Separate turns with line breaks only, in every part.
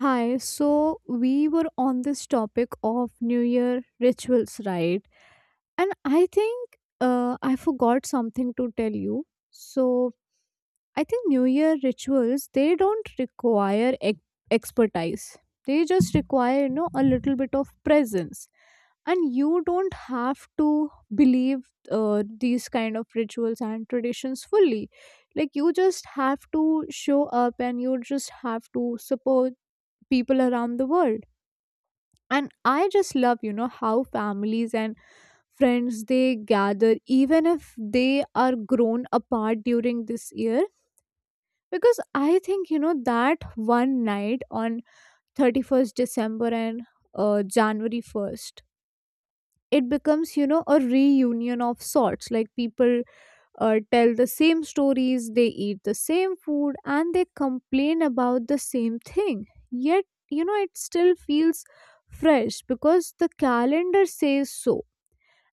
Hi, so we were on this topic of New Year rituals, right? And I think I forgot something to tell you. So I think New Year rituals they don't require expertise. They just require you know a little bit of presence, and you don't have to believe these kind of rituals and traditions fully. Like you just have to show up, and you just have to support people around the world, and I just love you know how families and friends they gather even if they are grown apart during this year because I think you know that one night on 31 december and january 1 January it becomes you know a reunion of sorts, like people tell the same stories, they eat the same food, and they complain about the same thing. Yet, you know, it still feels fresh because the calendar says so.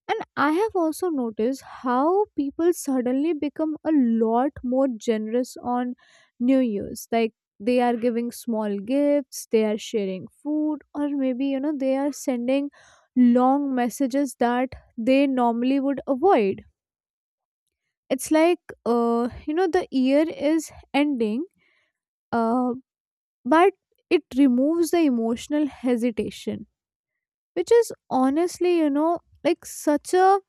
And I have also noticed how people suddenly become a lot more generous on New Year's. Like they are giving small gifts, they are sharing food, or maybe, you know, they are sending long messages that they normally would avoid. It's like, you know, the year is ending, uh, but it removes the emotional hesitation, which is honestly, you know, like such a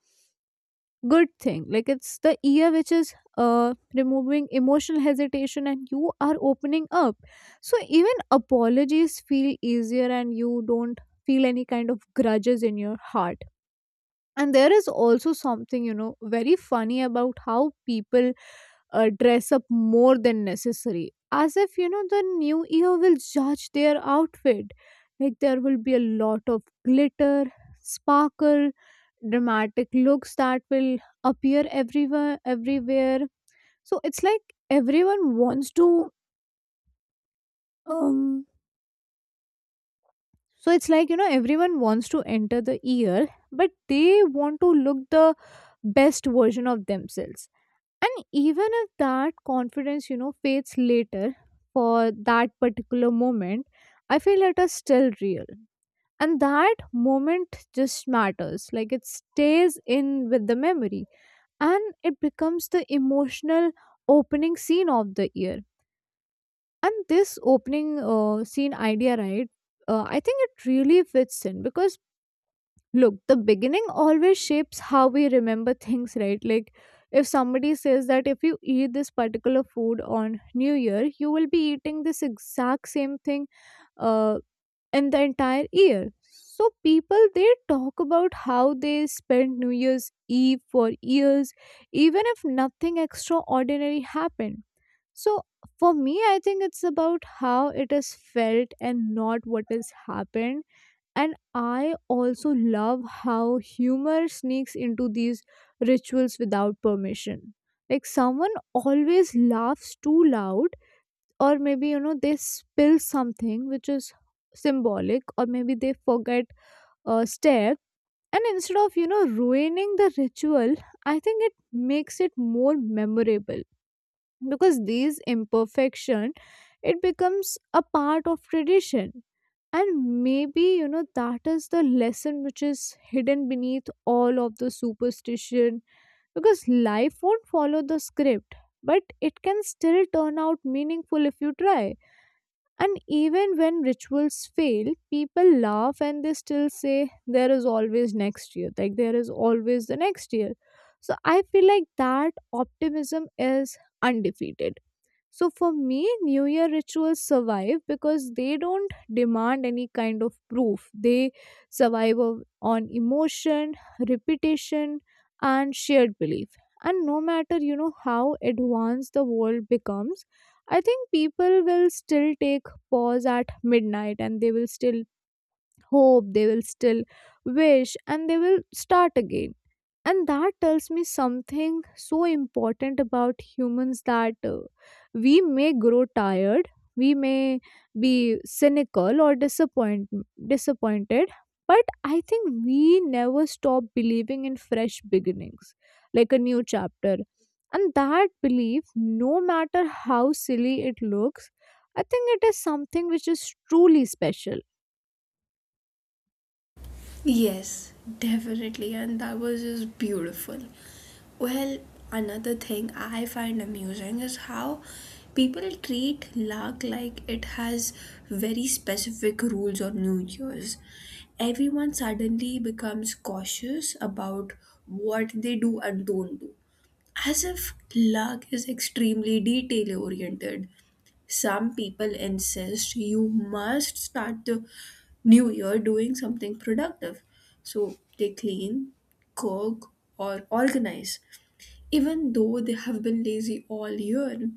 good thing. Like, it's the year which is removing emotional hesitation and you are opening up. So, even apologies feel easier and you don't feel any kind of grudges in your heart. And there is also something, you know, very funny about how people dress up more than necessary, as if you know the new year will judge their outfit. Like there will be a lot of glitter, sparkle, dramatic looks that will appear everywhere. So it's like everyone wants to um so it's like you know everyone wants to enter the year, but they want to look the best version of themselves. And even if that confidence, you know, fades later, for that particular moment, I feel it is still real. And that moment just matters. Like it stays in with the memory and it becomes the emotional opening scene of the year. And this opening scene idea, right? I think it really fits in because look, the beginning always shapes how we remember things, right? Like, if somebody says that if you eat this particular food on New Year, you will be eating this exact same thing uh, in the entire year. So, people they talk about how they spent New Year's Eve for years, even if nothing extraordinary happened. So, for me, I think it's about how it is felt and not what has happened. And I also love how humor sneaks into these rituals without permission. Like someone always laughs too loud, or maybe you know they spill something which is symbolic, or maybe they forget a step. And instead of you know ruining the ritual, I think it makes it more memorable, because these imperfection, it becomes a part of tradition. And maybe you know that is the lesson which is hidden beneath all of the superstition, because life won't follow the script, but it can still turn out meaningful if you try. And even when rituals fail, people laugh and they still say there is always next year, like there is always the next year. So I feel like that optimism is undefeated. So for me, New Year rituals survive because they don't demand any kind of proof. They survive on emotion, repetition, and shared belief. And no matter you know how advanced the world becomes, I think people will still take pause at midnight and they will still hope, they will still wish, and they will start again. And that tells me something so important about humans, that we may grow tired, we may be cynical or disappointed, but I think we never stop believing in fresh beginnings, like a new chapter. And that belief, no matter how silly it looks, I think it is something which is truly special.
Yes, definitely, and that was just beautiful. Well, another thing I find amusing is how people treat luck like it has very specific rules on New Year's. Everyone suddenly becomes cautious about what they do and don't do, as if luck is extremely detail oriented. Some people insist you must start the new year doing something productive. So they clean, cook, or organize, even though they have been lazy all year.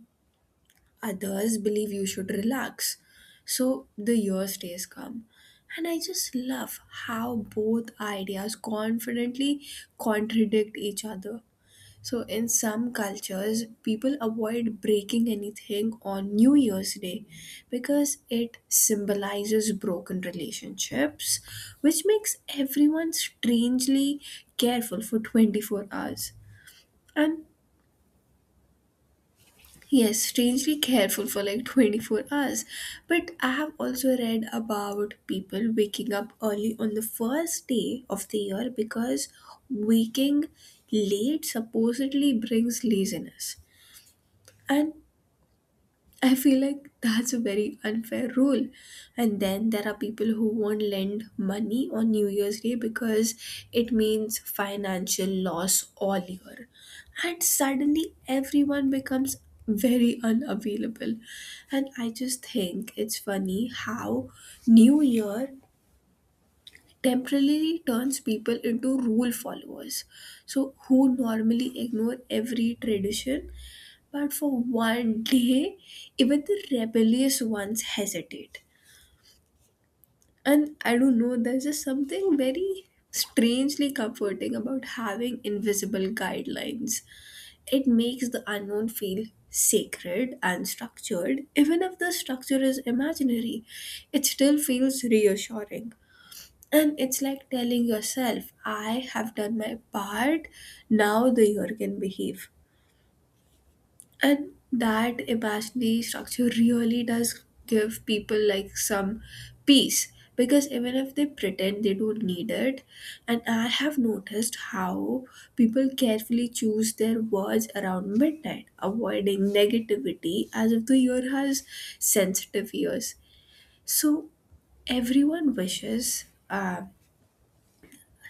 Others believe you should relax. So the year stays calm. And I just love how both ideas confidently contradict each other. So, in some cultures, people avoid breaking anything on New Year's Day because it symbolizes broken relationships, which makes everyone strangely careful for 24 hours. And yes, strangely careful for like 24 hours. But I have also read about people waking up early on the first day of the year because waking late supposedly brings laziness. And I feel like that's a very unfair rule. And then there are people who won't lend money on New Year's Day because it means financial loss all year. And suddenly everyone becomes very unavailable. And I just think it's funny how New Year temporarily turns people into rule followers. So, who normally ignore every tradition but for one day, even the rebellious ones hesitate. And I don't know, there's just something very strangely comforting about having invisible guidelines. It makes the unknown feel sacred and structured. Even if the structure is imaginary, it still feels reassuring. And it's like telling yourself, I have done my part, now the year can behave. And that imaginary structure really does give people like some peace, because even if they pretend they don't need it. And I have noticed how people carefully choose their words around midnight, avoiding negativity as if the year has sensitive ears. So everyone wishes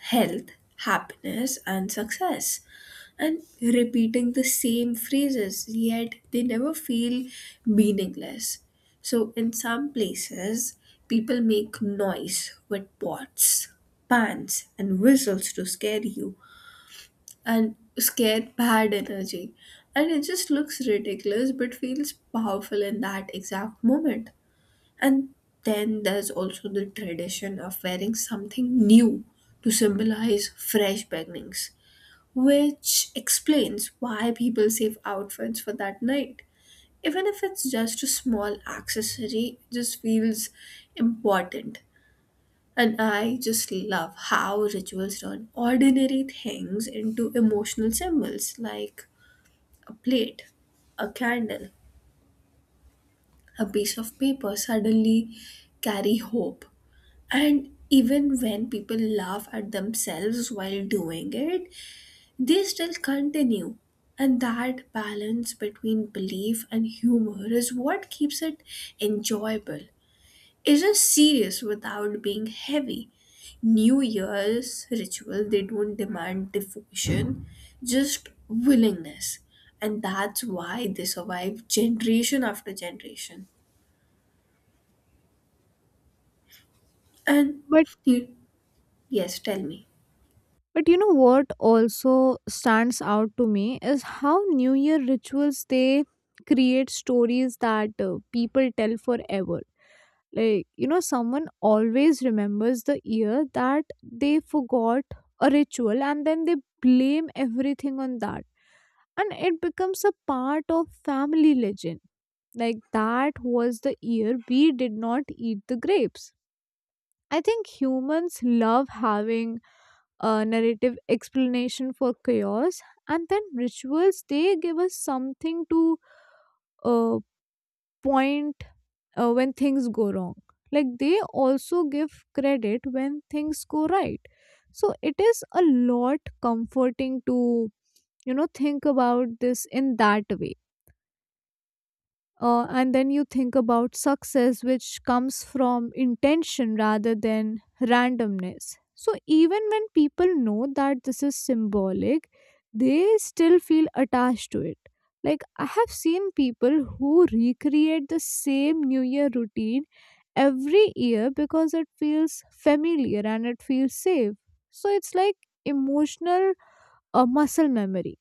health, happiness, and success, and repeating the same phrases, yet they never feel meaningless. So, in some places, people make noise with pots, pans, and whistles to scare you and scare bad energy. And it just looks ridiculous but feels powerful in that exact moment. And then there's also the tradition of wearing something new to symbolize fresh beginnings, which explains why people save outfits for that night. Even if it's just a small accessory, it just feels important. And I just love how rituals turn ordinary things into emotional symbols, like a plate, a candle, a piece of paper suddenly carry hope. And even when people laugh at themselves while doing it, they still continue, and that balance between belief and humor is what keeps it enjoyable. It's just serious without being heavy. New Year's ritual, they don't demand devotion, just willingness. And that's why they survive generation after generation. And
but
you, yes, tell me.
But you know what also stands out to me is how New Year rituals they create stories that people tell forever. Like, you know, someone always remembers the year that they forgot a ritual and then they blame everything on that. And it becomes a part of family legend. Like, that was the year we did not eat the grapes. I think humans love having a narrative explanation for chaos, and then rituals they give us something to uh, point when things go wrong, like they also give credit when things go right. So it is a lot comforting to you know think about this in that way. And then you think about success, which comes from intention rather than randomness. So, even when people know that this is symbolic, they still feel attached to it. Like, I have seen people who recreate the same New Year routine every year because it feels familiar and it feels safe. So, it's like emotional muscle memory.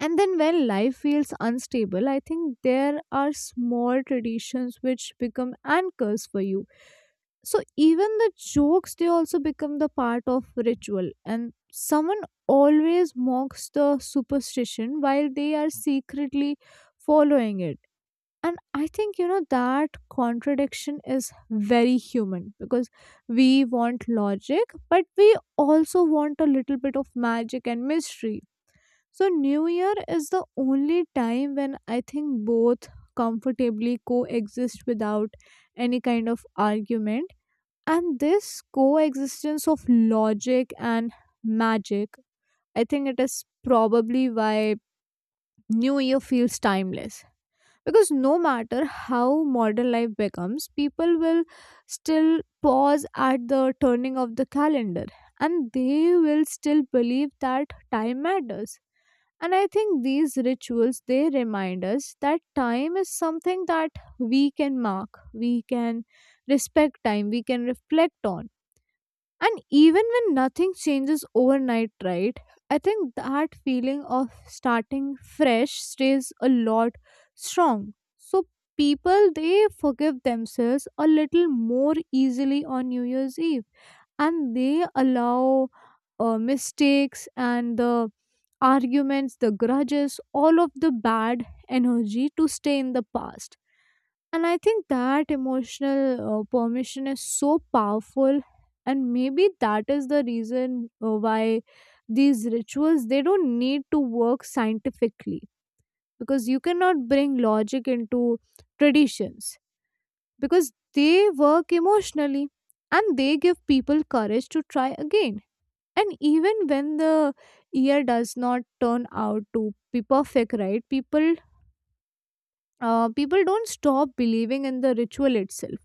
And then when life feels unstable, I think there are small traditions which become anchors for you. So even the jokes, they also become the part of ritual. And someone always mocks the superstition while they are secretly following it. And I think, you know, that contradiction is very human, because we want logic, but we also want a little bit of magic and mystery. So, New Year is the only time when I think both comfortably coexist without any kind of argument. And this coexistence of logic and magic, I think it is probably why New Year feels timeless. Because no matter how modern life becomes, people will still pause at the turning of the calendar and they will still believe that time matters. And I think these rituals they remind us that time is something that we can mark, we can respect time, we can reflect on. And even when nothing changes overnight, right, I think that feeling of starting fresh stays a lot strong. So people they forgive themselves a little more easily on New Year's Eve, and they allow mistakes and the arguments, the grudges, all of the bad energy to stay in the past. And I think that emotional permission is so powerful, and maybe that is the reason why these rituals they don't need to work scientifically, because you cannot bring logic into traditions, because they work emotionally and they give people courage to try again. And even when the year does not turn out to be perfect, right, people don't stop believing in the ritual itself.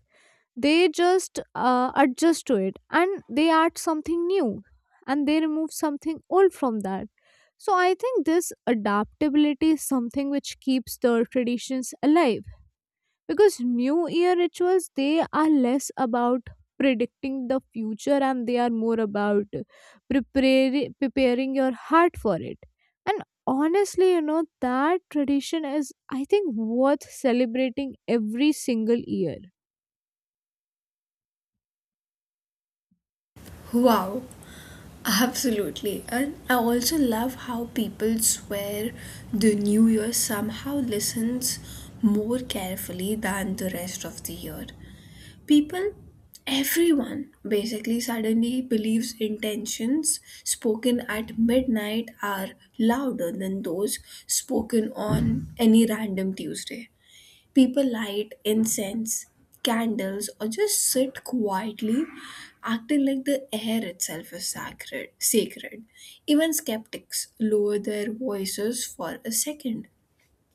They just adjust to it and they add something new and they remove something old from that. So I think this adaptability is something which keeps the traditions alive, because new year rituals they are less about predicting the future and they are more about preparing your heart for it. And honestly, you know, that tradition is I think worth celebrating every single year.
Wow, absolutely. And I also love how people swear the new year somehow listens more carefully than the rest of the year. People, everyone basically suddenly believes intentions spoken at midnight are louder than those spoken on any random Tuesday. People light incense, candles, or just sit quietly, acting like the air itself is sacred. Sacred. Even skeptics lower their voices for a second.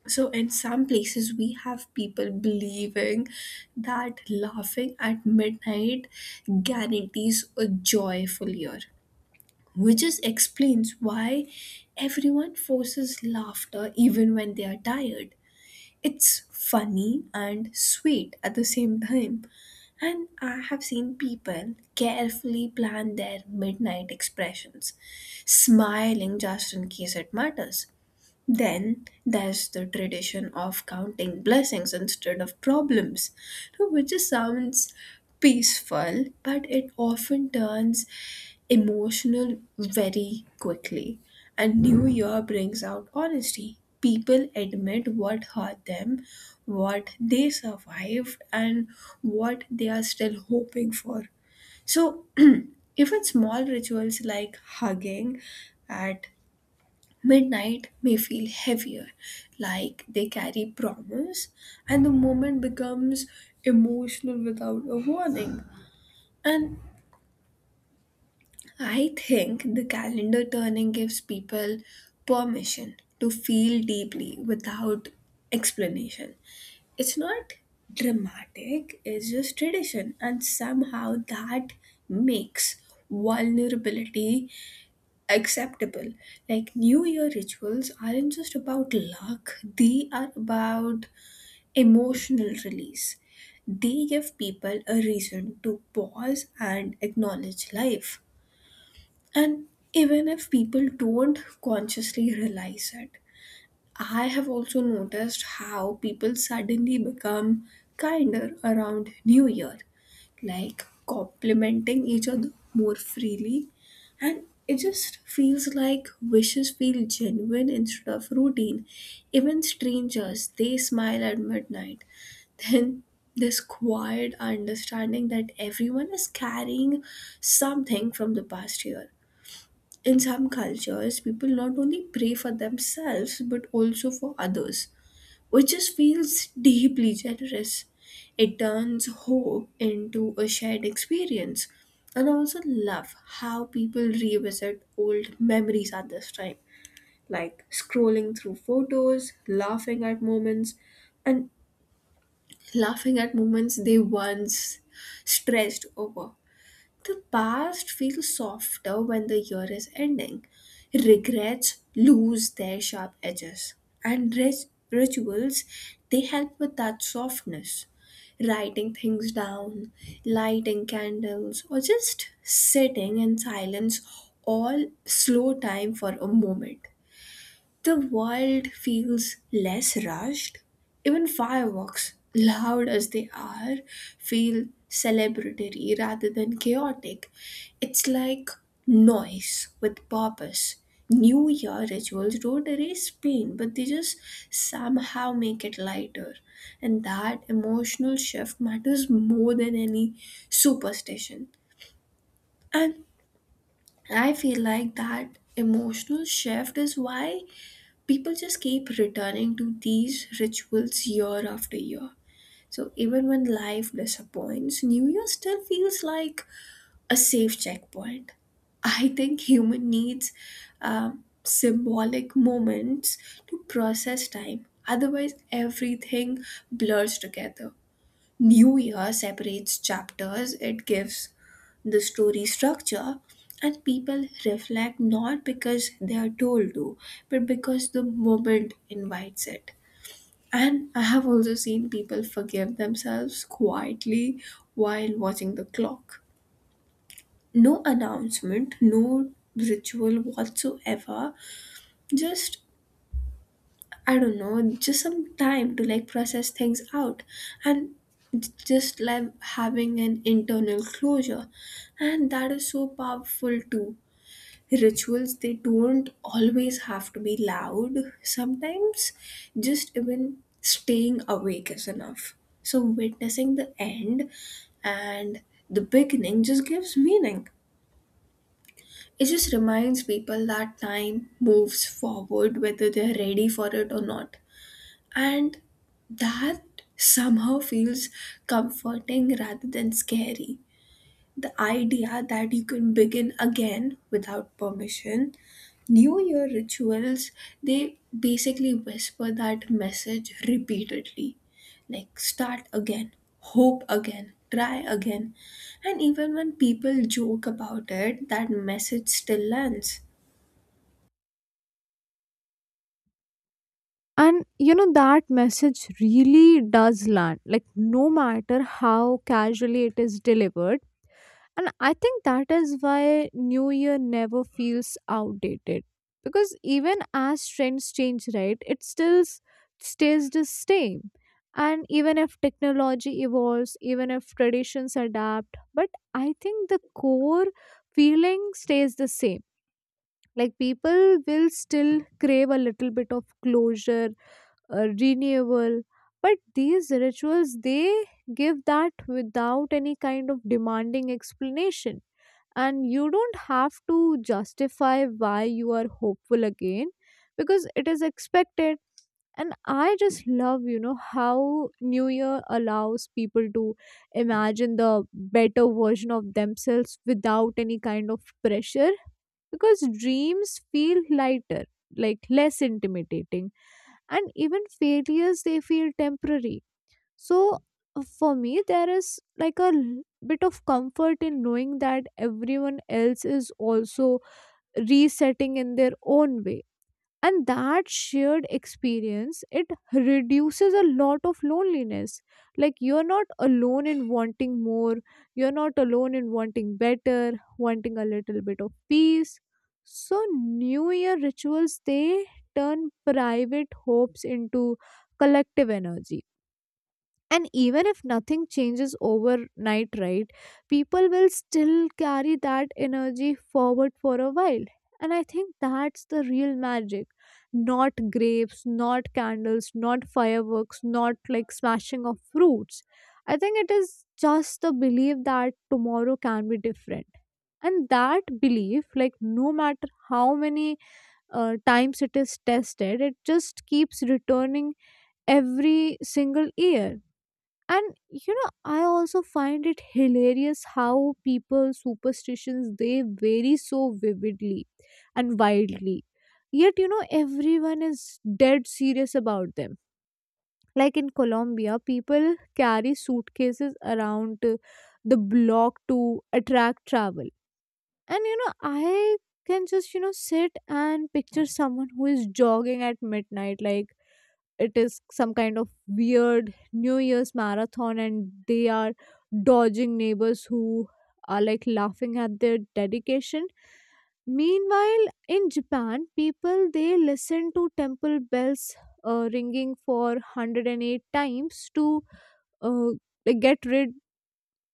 So, in some places, we have people believing that laughing at midnight guarantees a joyful year, which just explains why everyone forces laughter even when they are tired. It's funny and sweet at the same time. And I have seen people carefully plan their midnight expressions, smiling just in case it matters. Then there's the tradition of counting blessings instead of problems, which just sounds peaceful, but it often turns emotional very quickly. And New Year brings out honesty. People admit what hurt them, what they survived, and what they are still hoping for. So, even small rituals like hugging at midnight may feel heavier, like they carry promise, and the moment becomes emotional without a warning. And I think the calendar turning gives people permission to feel deeply without explanation. It's not dramatic, it's just tradition, and somehow that makes vulnerability acceptable. Like, New Year rituals aren't just about luck, they are about emotional release. They give people a reason to pause and acknowledge life. And even if people don't consciously realize it, I have also noticed how people suddenly become kinder around New Year, like complimenting each other more freely. And it just feels like wishes feel genuine instead of routine. Even strangers, they smile at midnight. Then this quiet understanding that everyone is carrying something from the past year. In some cultures, people not only pray for themselves but also for others, which just feels deeply generous. It turns hope into a shared experience. And I also love how people revisit old memories at this time, like scrolling through photos, laughing at moments, and laughing at moments they once stressed over. The past feels softer when the year is ending. Regrets lose their sharp edges, and rituals they help with that softness. Writing things down, lighting candles, or just sitting in silence all slow time for a moment. The world feels less rushed. Even fireworks, loud as they are, feel celebratory rather than chaotic. It's like noise with purpose. New Year rituals don't erase pain, but they just somehow make it lighter. And that emotional shift matters more than any superstition. And I feel like that emotional shift is why people just keep returning to these rituals year after year. So even when life disappoints, New Year still feels like a safe checkpoint. I think human needs symbolic moments to process time. Otherwise, everything blurs together. New Year separates chapters, it gives the story structure, and people reflect not because they are told to, but because the moment invites it. And I have also seen people forgive themselves quietly while watching the clock. No announcement, no ritual whatsoever, just, I don't know, just some time to like process things out and just like having an internal closure. And that is so powerful too. Rituals, they don't always have to be loud. Sometimes just even staying awake is enough. So witnessing the end and the beginning just gives meaning. It just reminds people that time moves forward whether they're ready for it or not. And that somehow feels comforting rather than scary. The idea that you can begin again without permission. New Year rituals, they basically whisper that message repeatedly. Like, start again, hope again, try again. And even when people joke about it, that message still lands.
And you know that message really does land, like no matter how casually it is delivered. And I think that is why New Year never feels outdated. Because even as trends change, right, it still stays the same. And even if technology evolves, even if traditions adapt, but I think the core feeling stays the same. Like people will still crave a little bit of closure, renewal. But these rituals, they give that without any kind of demanding explanation, and you don't have to justify why you are hopeful again because it is expected. And I just love you know how new year allows people to imagine the better version of themselves without any kind of pressure, because dreams feel lighter, like less intimidating, and even failures they feel temporary. So for me there is like bit of comfort in knowing that everyone else is also resetting in their own way, and that shared experience it reduces a lot of loneliness. Like you're not alone in wanting more, you're not alone in wanting better, wanting a little bit of peace. So new year rituals they turn private hopes into collective energy. And even if nothing changes overnight, right, people will still carry that energy forward for a while. And I think that's the real magic. Not grapes, not candles, not fireworks, not like smashing of fruits. I think it is just the belief that tomorrow can be different. And that belief, like no matter how many times it is tested, it just keeps returning every single year. And I also find it hilarious how people superstitions, they vary so vividly and wildly, yet you know everyone is dead serious about them. Like in Colombia, people carry suitcases around the block to attract travel. And I can just sit and picture someone who is jogging at midnight, like it is some kind of weird New Year's marathon, and they are dodging neighbors who are like laughing at their dedication. Meanwhile in Japan, people, they listen to temple bells ringing for 108 times to uh, like, get rid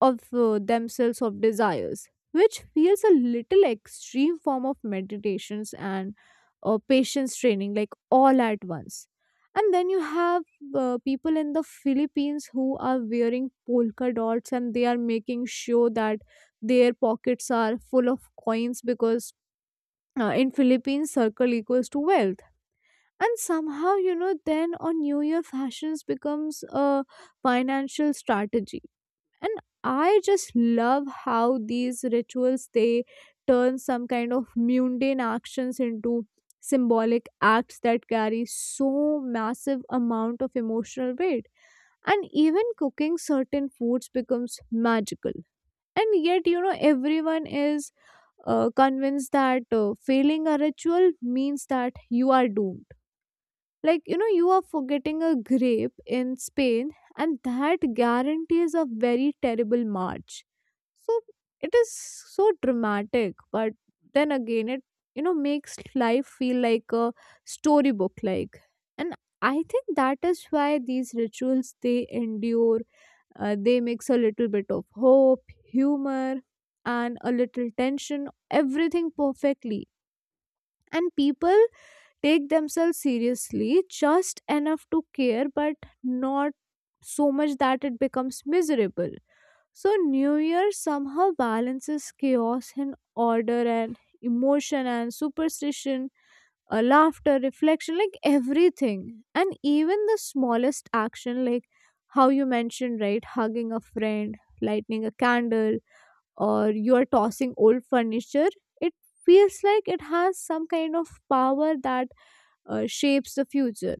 of themselves of desires, which feels a little extreme form of meditations and patience training, like all at once. And then you have people in the Philippines who are wearing polka dots, and they are making sure that their pockets are full of coins because in Philippines circle equals to wealth. And somehow you know then on New Year, fashions becomes a financial strategy. And I just love how these rituals, they turn some kind of mundane actions into symbolic acts that carry so massive amount of emotional weight. And even cooking certain foods becomes magical. And yet you know everyone is convinced that failing a ritual means that you are doomed. Like, you know, you are forgetting a grape in Spain, and that guarantees a very terrible March. So it is so dramatic, but then again, it, you know, makes life feel like a storybook, like. And I think that is why these rituals they endure. They mix a little bit of hope, humor, and a little tension, everything perfectly. And people take themselves seriously just enough to care, but not so much that it becomes miserable. So New Year somehow balances chaos and order and emotion and superstition, laughter, reflection, like everything. And even the smallest action, like how you mentioned, right, hugging a friend, lighting a candle, or you are tossing old furniture, it feels like it has some kind of power that shapes the future.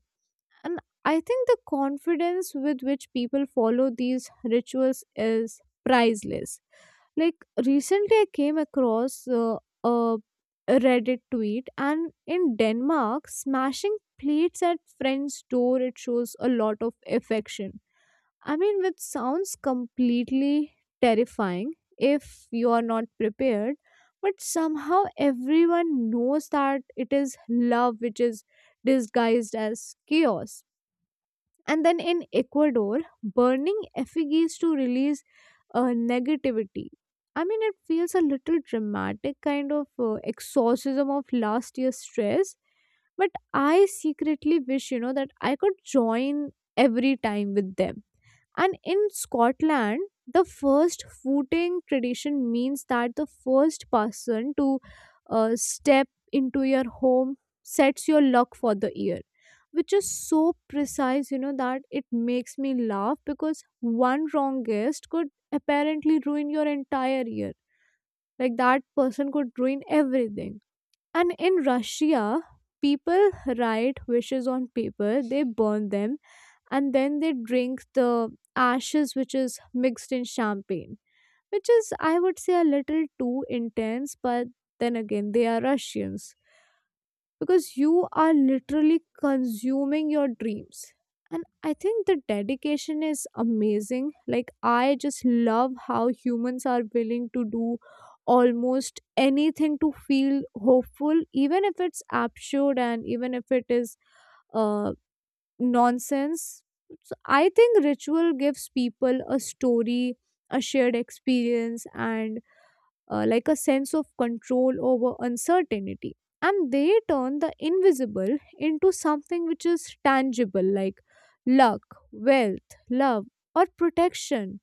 And I think the confidence with which people follow these rituals is priceless. Like recently, I came across a Reddit tweet, and in Denmark, smashing plates at friend's door, it shows a lot of affection. I mean, which sounds completely terrifying if you are not prepared, but somehow everyone knows that it is love which is disguised as chaos. And then in Ecuador, burning effigies to release negativity. I mean, it feels a little dramatic, kind of exorcism of last year's stress. But I secretly wish, you know, that I could join every time with them. And in Scotland, the first footing tradition means that the first person to step into your home sets your luck for the year, which is so precise, you know, that it makes me laugh because one wrong guess could apparently ruin your entire year. Like that person could ruin everything. And in Russia, people write wishes on paper, they burn them, and then they drink the ashes, which is mixed in champagne, which is, I would say, a little too intense. But then again, they are Russians, because you are literally consuming your dreams. And I think the dedication is amazing. Like I just love how humans are willing to do almost anything to feel hopeful, even if it's absurd, and even if it is uh nonsense. So I think ritual gives people a story, a shared experience, and like a sense of control over uncertainty. And they turn the invisible into something which is tangible, like luck, wealth, love, or protection.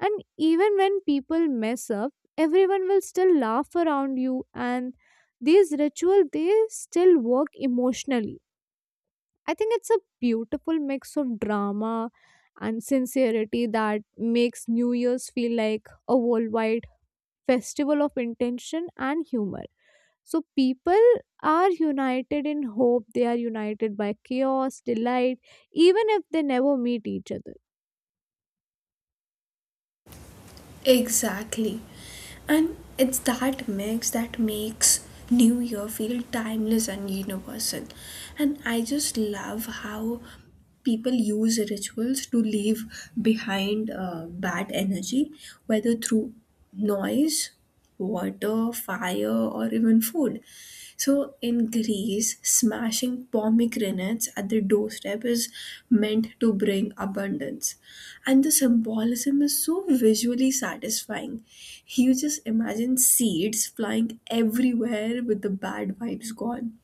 And even when people mess up, everyone will still laugh around you, and these rituals, they still work emotionally. I think it's a beautiful mix of drama and sincerity that makes New Year's feel like a worldwide festival of intention and humor. So people are united in hope, they are united by chaos, delight, even if they never meet each other.
Exactly. And it's that mix that makes New Year feel timeless and universal. And I just love how people use rituals to leave behind bad energy, whether through noise, water, fire, or even food. So in Greece, smashing pomegranates at the doorstep is meant to bring abundance, and the symbolism is so visually satisfying. You just imagine seeds flying everywhere with the bad vibes gone.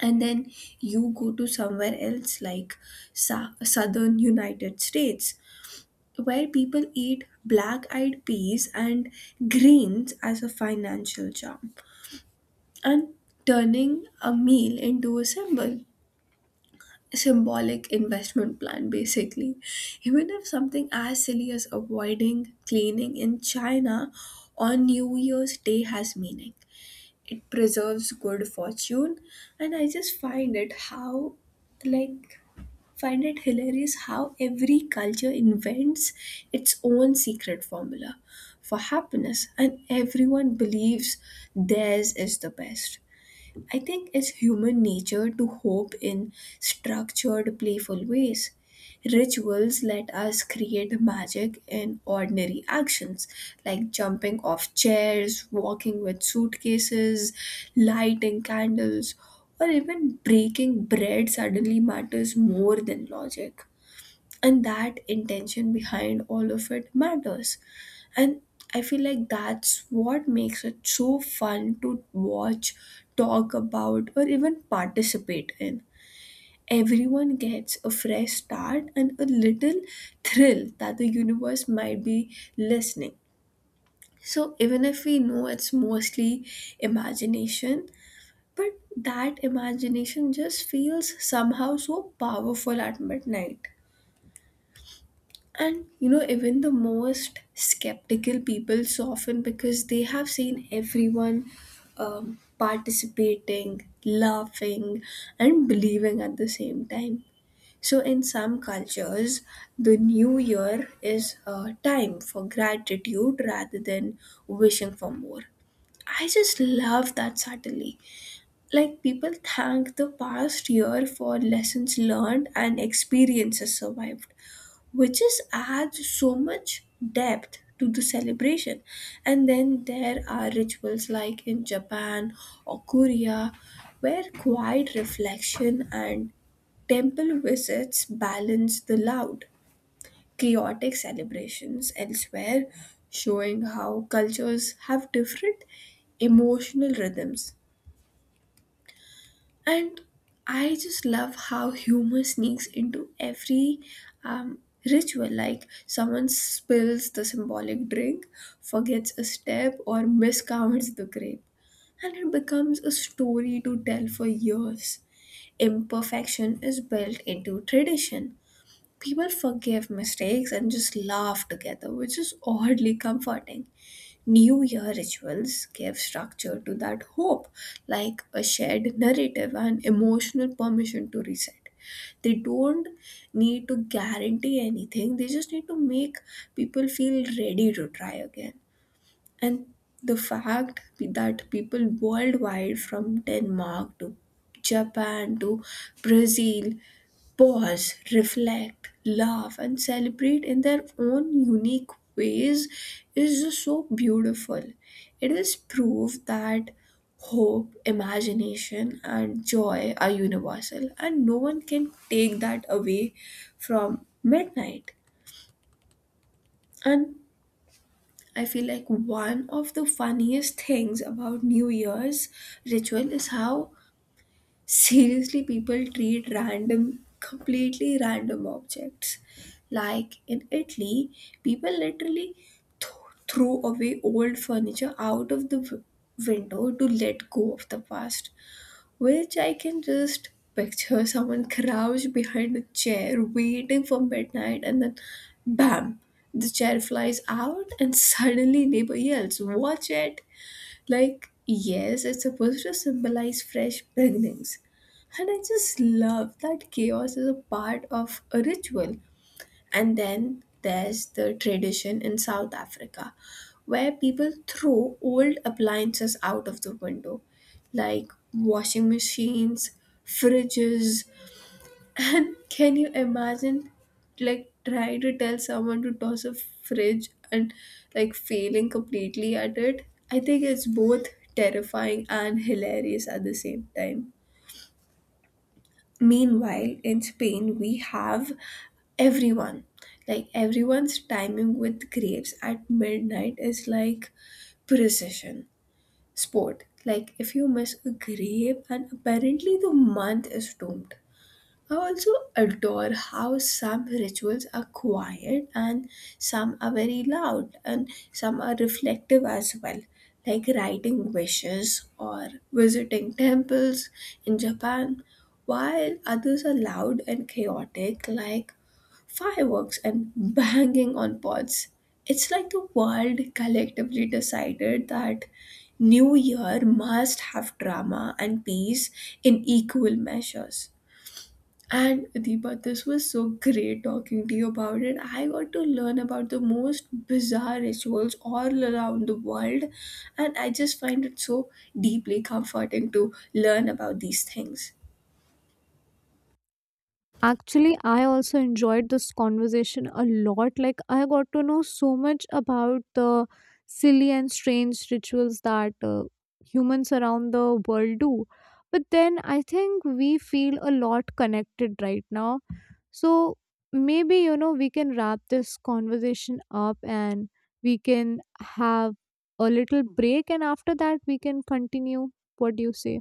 And then you go to somewhere else like southern United States where people eat black eyed peas and greens as a financial charm, and turning a meal into a symbol. Symbolic investment plan, basically. Even if something as silly as avoiding cleaning in China on New Year's Day has meaning, it preserves good fortune. And I just find it how, like, find it hilarious how every culture invents its own secret formula for happiness and everyone believes theirs is the best. I think it's human nature to hope in structured, playful ways. Rituals let us create magic in ordinary actions like jumping off chairs, walking with suitcases, lighting candles, or even breaking bread suddenly matters more than logic. And that intention behind all of it matters. And I feel like that's what makes it so fun to watch, talk about, or even participate in. Everyone gets a fresh start and a little thrill that the universe might be listening. So even if we know it's mostly imagination, but that imagination just feels somehow so powerful at midnight. And you know, even the most skeptical people soften because they have seen everyone participating, laughing, and believing at the same time. So, in some cultures, the new year is a time for gratitude rather than wishing for more. I just love that subtlety. Like, people thank the past year for lessons learned and experiences survived, which is adds so much depth to the celebration. And then there are rituals like in Japan or Korea where quiet reflection and temple visits balance the loud, chaotic celebrations elsewhere, showing how cultures have different emotional rhythms. And I just love how humor sneaks into every um, ritual. Like, someone spills the symbolic drink, forgets a step, or miscounts the grape. And it becomes a story to tell for years. Imperfection is built into tradition. People forgive mistakes and just laugh together, which is oddly comforting. New Year rituals give structure to that hope, like a shared narrative and emotional permission to reset. They don't need to guarantee anything, they just need to make people feel ready to try again. And the fact that people worldwide, from Denmark to Japan to Brazil, pause, reflect, laugh, and celebrate in their own unique ways is just so beautiful. It is proof that hope, imagination, and joy are universal, and no one can take that away from midnight. And I feel like one of the funniest things about New Year's ritual is how, seriously, people treat random, completely random objects. Like in Italy, people literally th- throw away old furniture out of the window to let go of the past, which I can just picture someone crouched behind a chair waiting for midnight, and then bam, the chair flies out and suddenly neighbor yells, Watch it! Like, yes, it's supposed to symbolize fresh beginnings. And I just love that chaos is a part of a ritual. And then there's the tradition in South Africa where people throw old appliances out of the window, like washing machines, fridges, and can you imagine, like, trying to tell someone to toss a fridge and, like, failing completely at it? I think it's both terrifying and hilarious at the same time. Meanwhile, in Spain, we have everyone. Like, everyone's timing with grapes at midnight is like precision sport. Like, if you miss a grape, and apparently the month is doomed. I also adore how some rituals are quiet and some are very loud and some are reflective as well, like writing wishes or visiting temples in Japan, while others are loud and chaotic, like fireworks and banging on pots. It's like the world collectively decided that New Year must have drama and peace in equal measures. And Deepa, this was so great talking to you about it. I got to learn about the most bizarre rituals all around the world, and I just find it so deeply comforting to learn about these things.
Actually, I also enjoyed this conversation a lot. Like, I got to know so much about the silly and strange rituals that humans around the world do. But then I think we feel a lot connected right now. So maybe, you know, we can wrap this conversation up, and we can have a little break. And after that, we can continue. What do you say?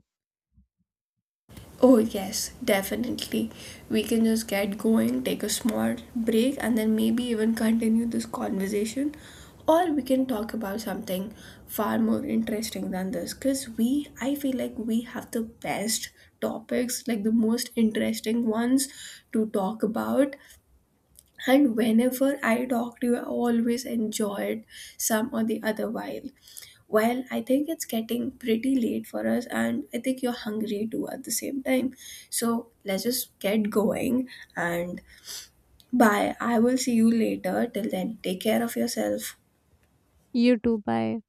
Oh, yes, definitely. We can just get going, take a small break, and then maybe even continue this conversation. Or we can talk about something far more interesting than this because we, I feel like we have the best topics, like the most interesting ones to talk about. And whenever I talked to you, I always enjoyed some or the other while. Well, I think it's getting pretty late for us, and I think you're hungry too at the same time. So let's just get going. And bye. I will see you later. Till then, take care of yourself.
You too. Bye.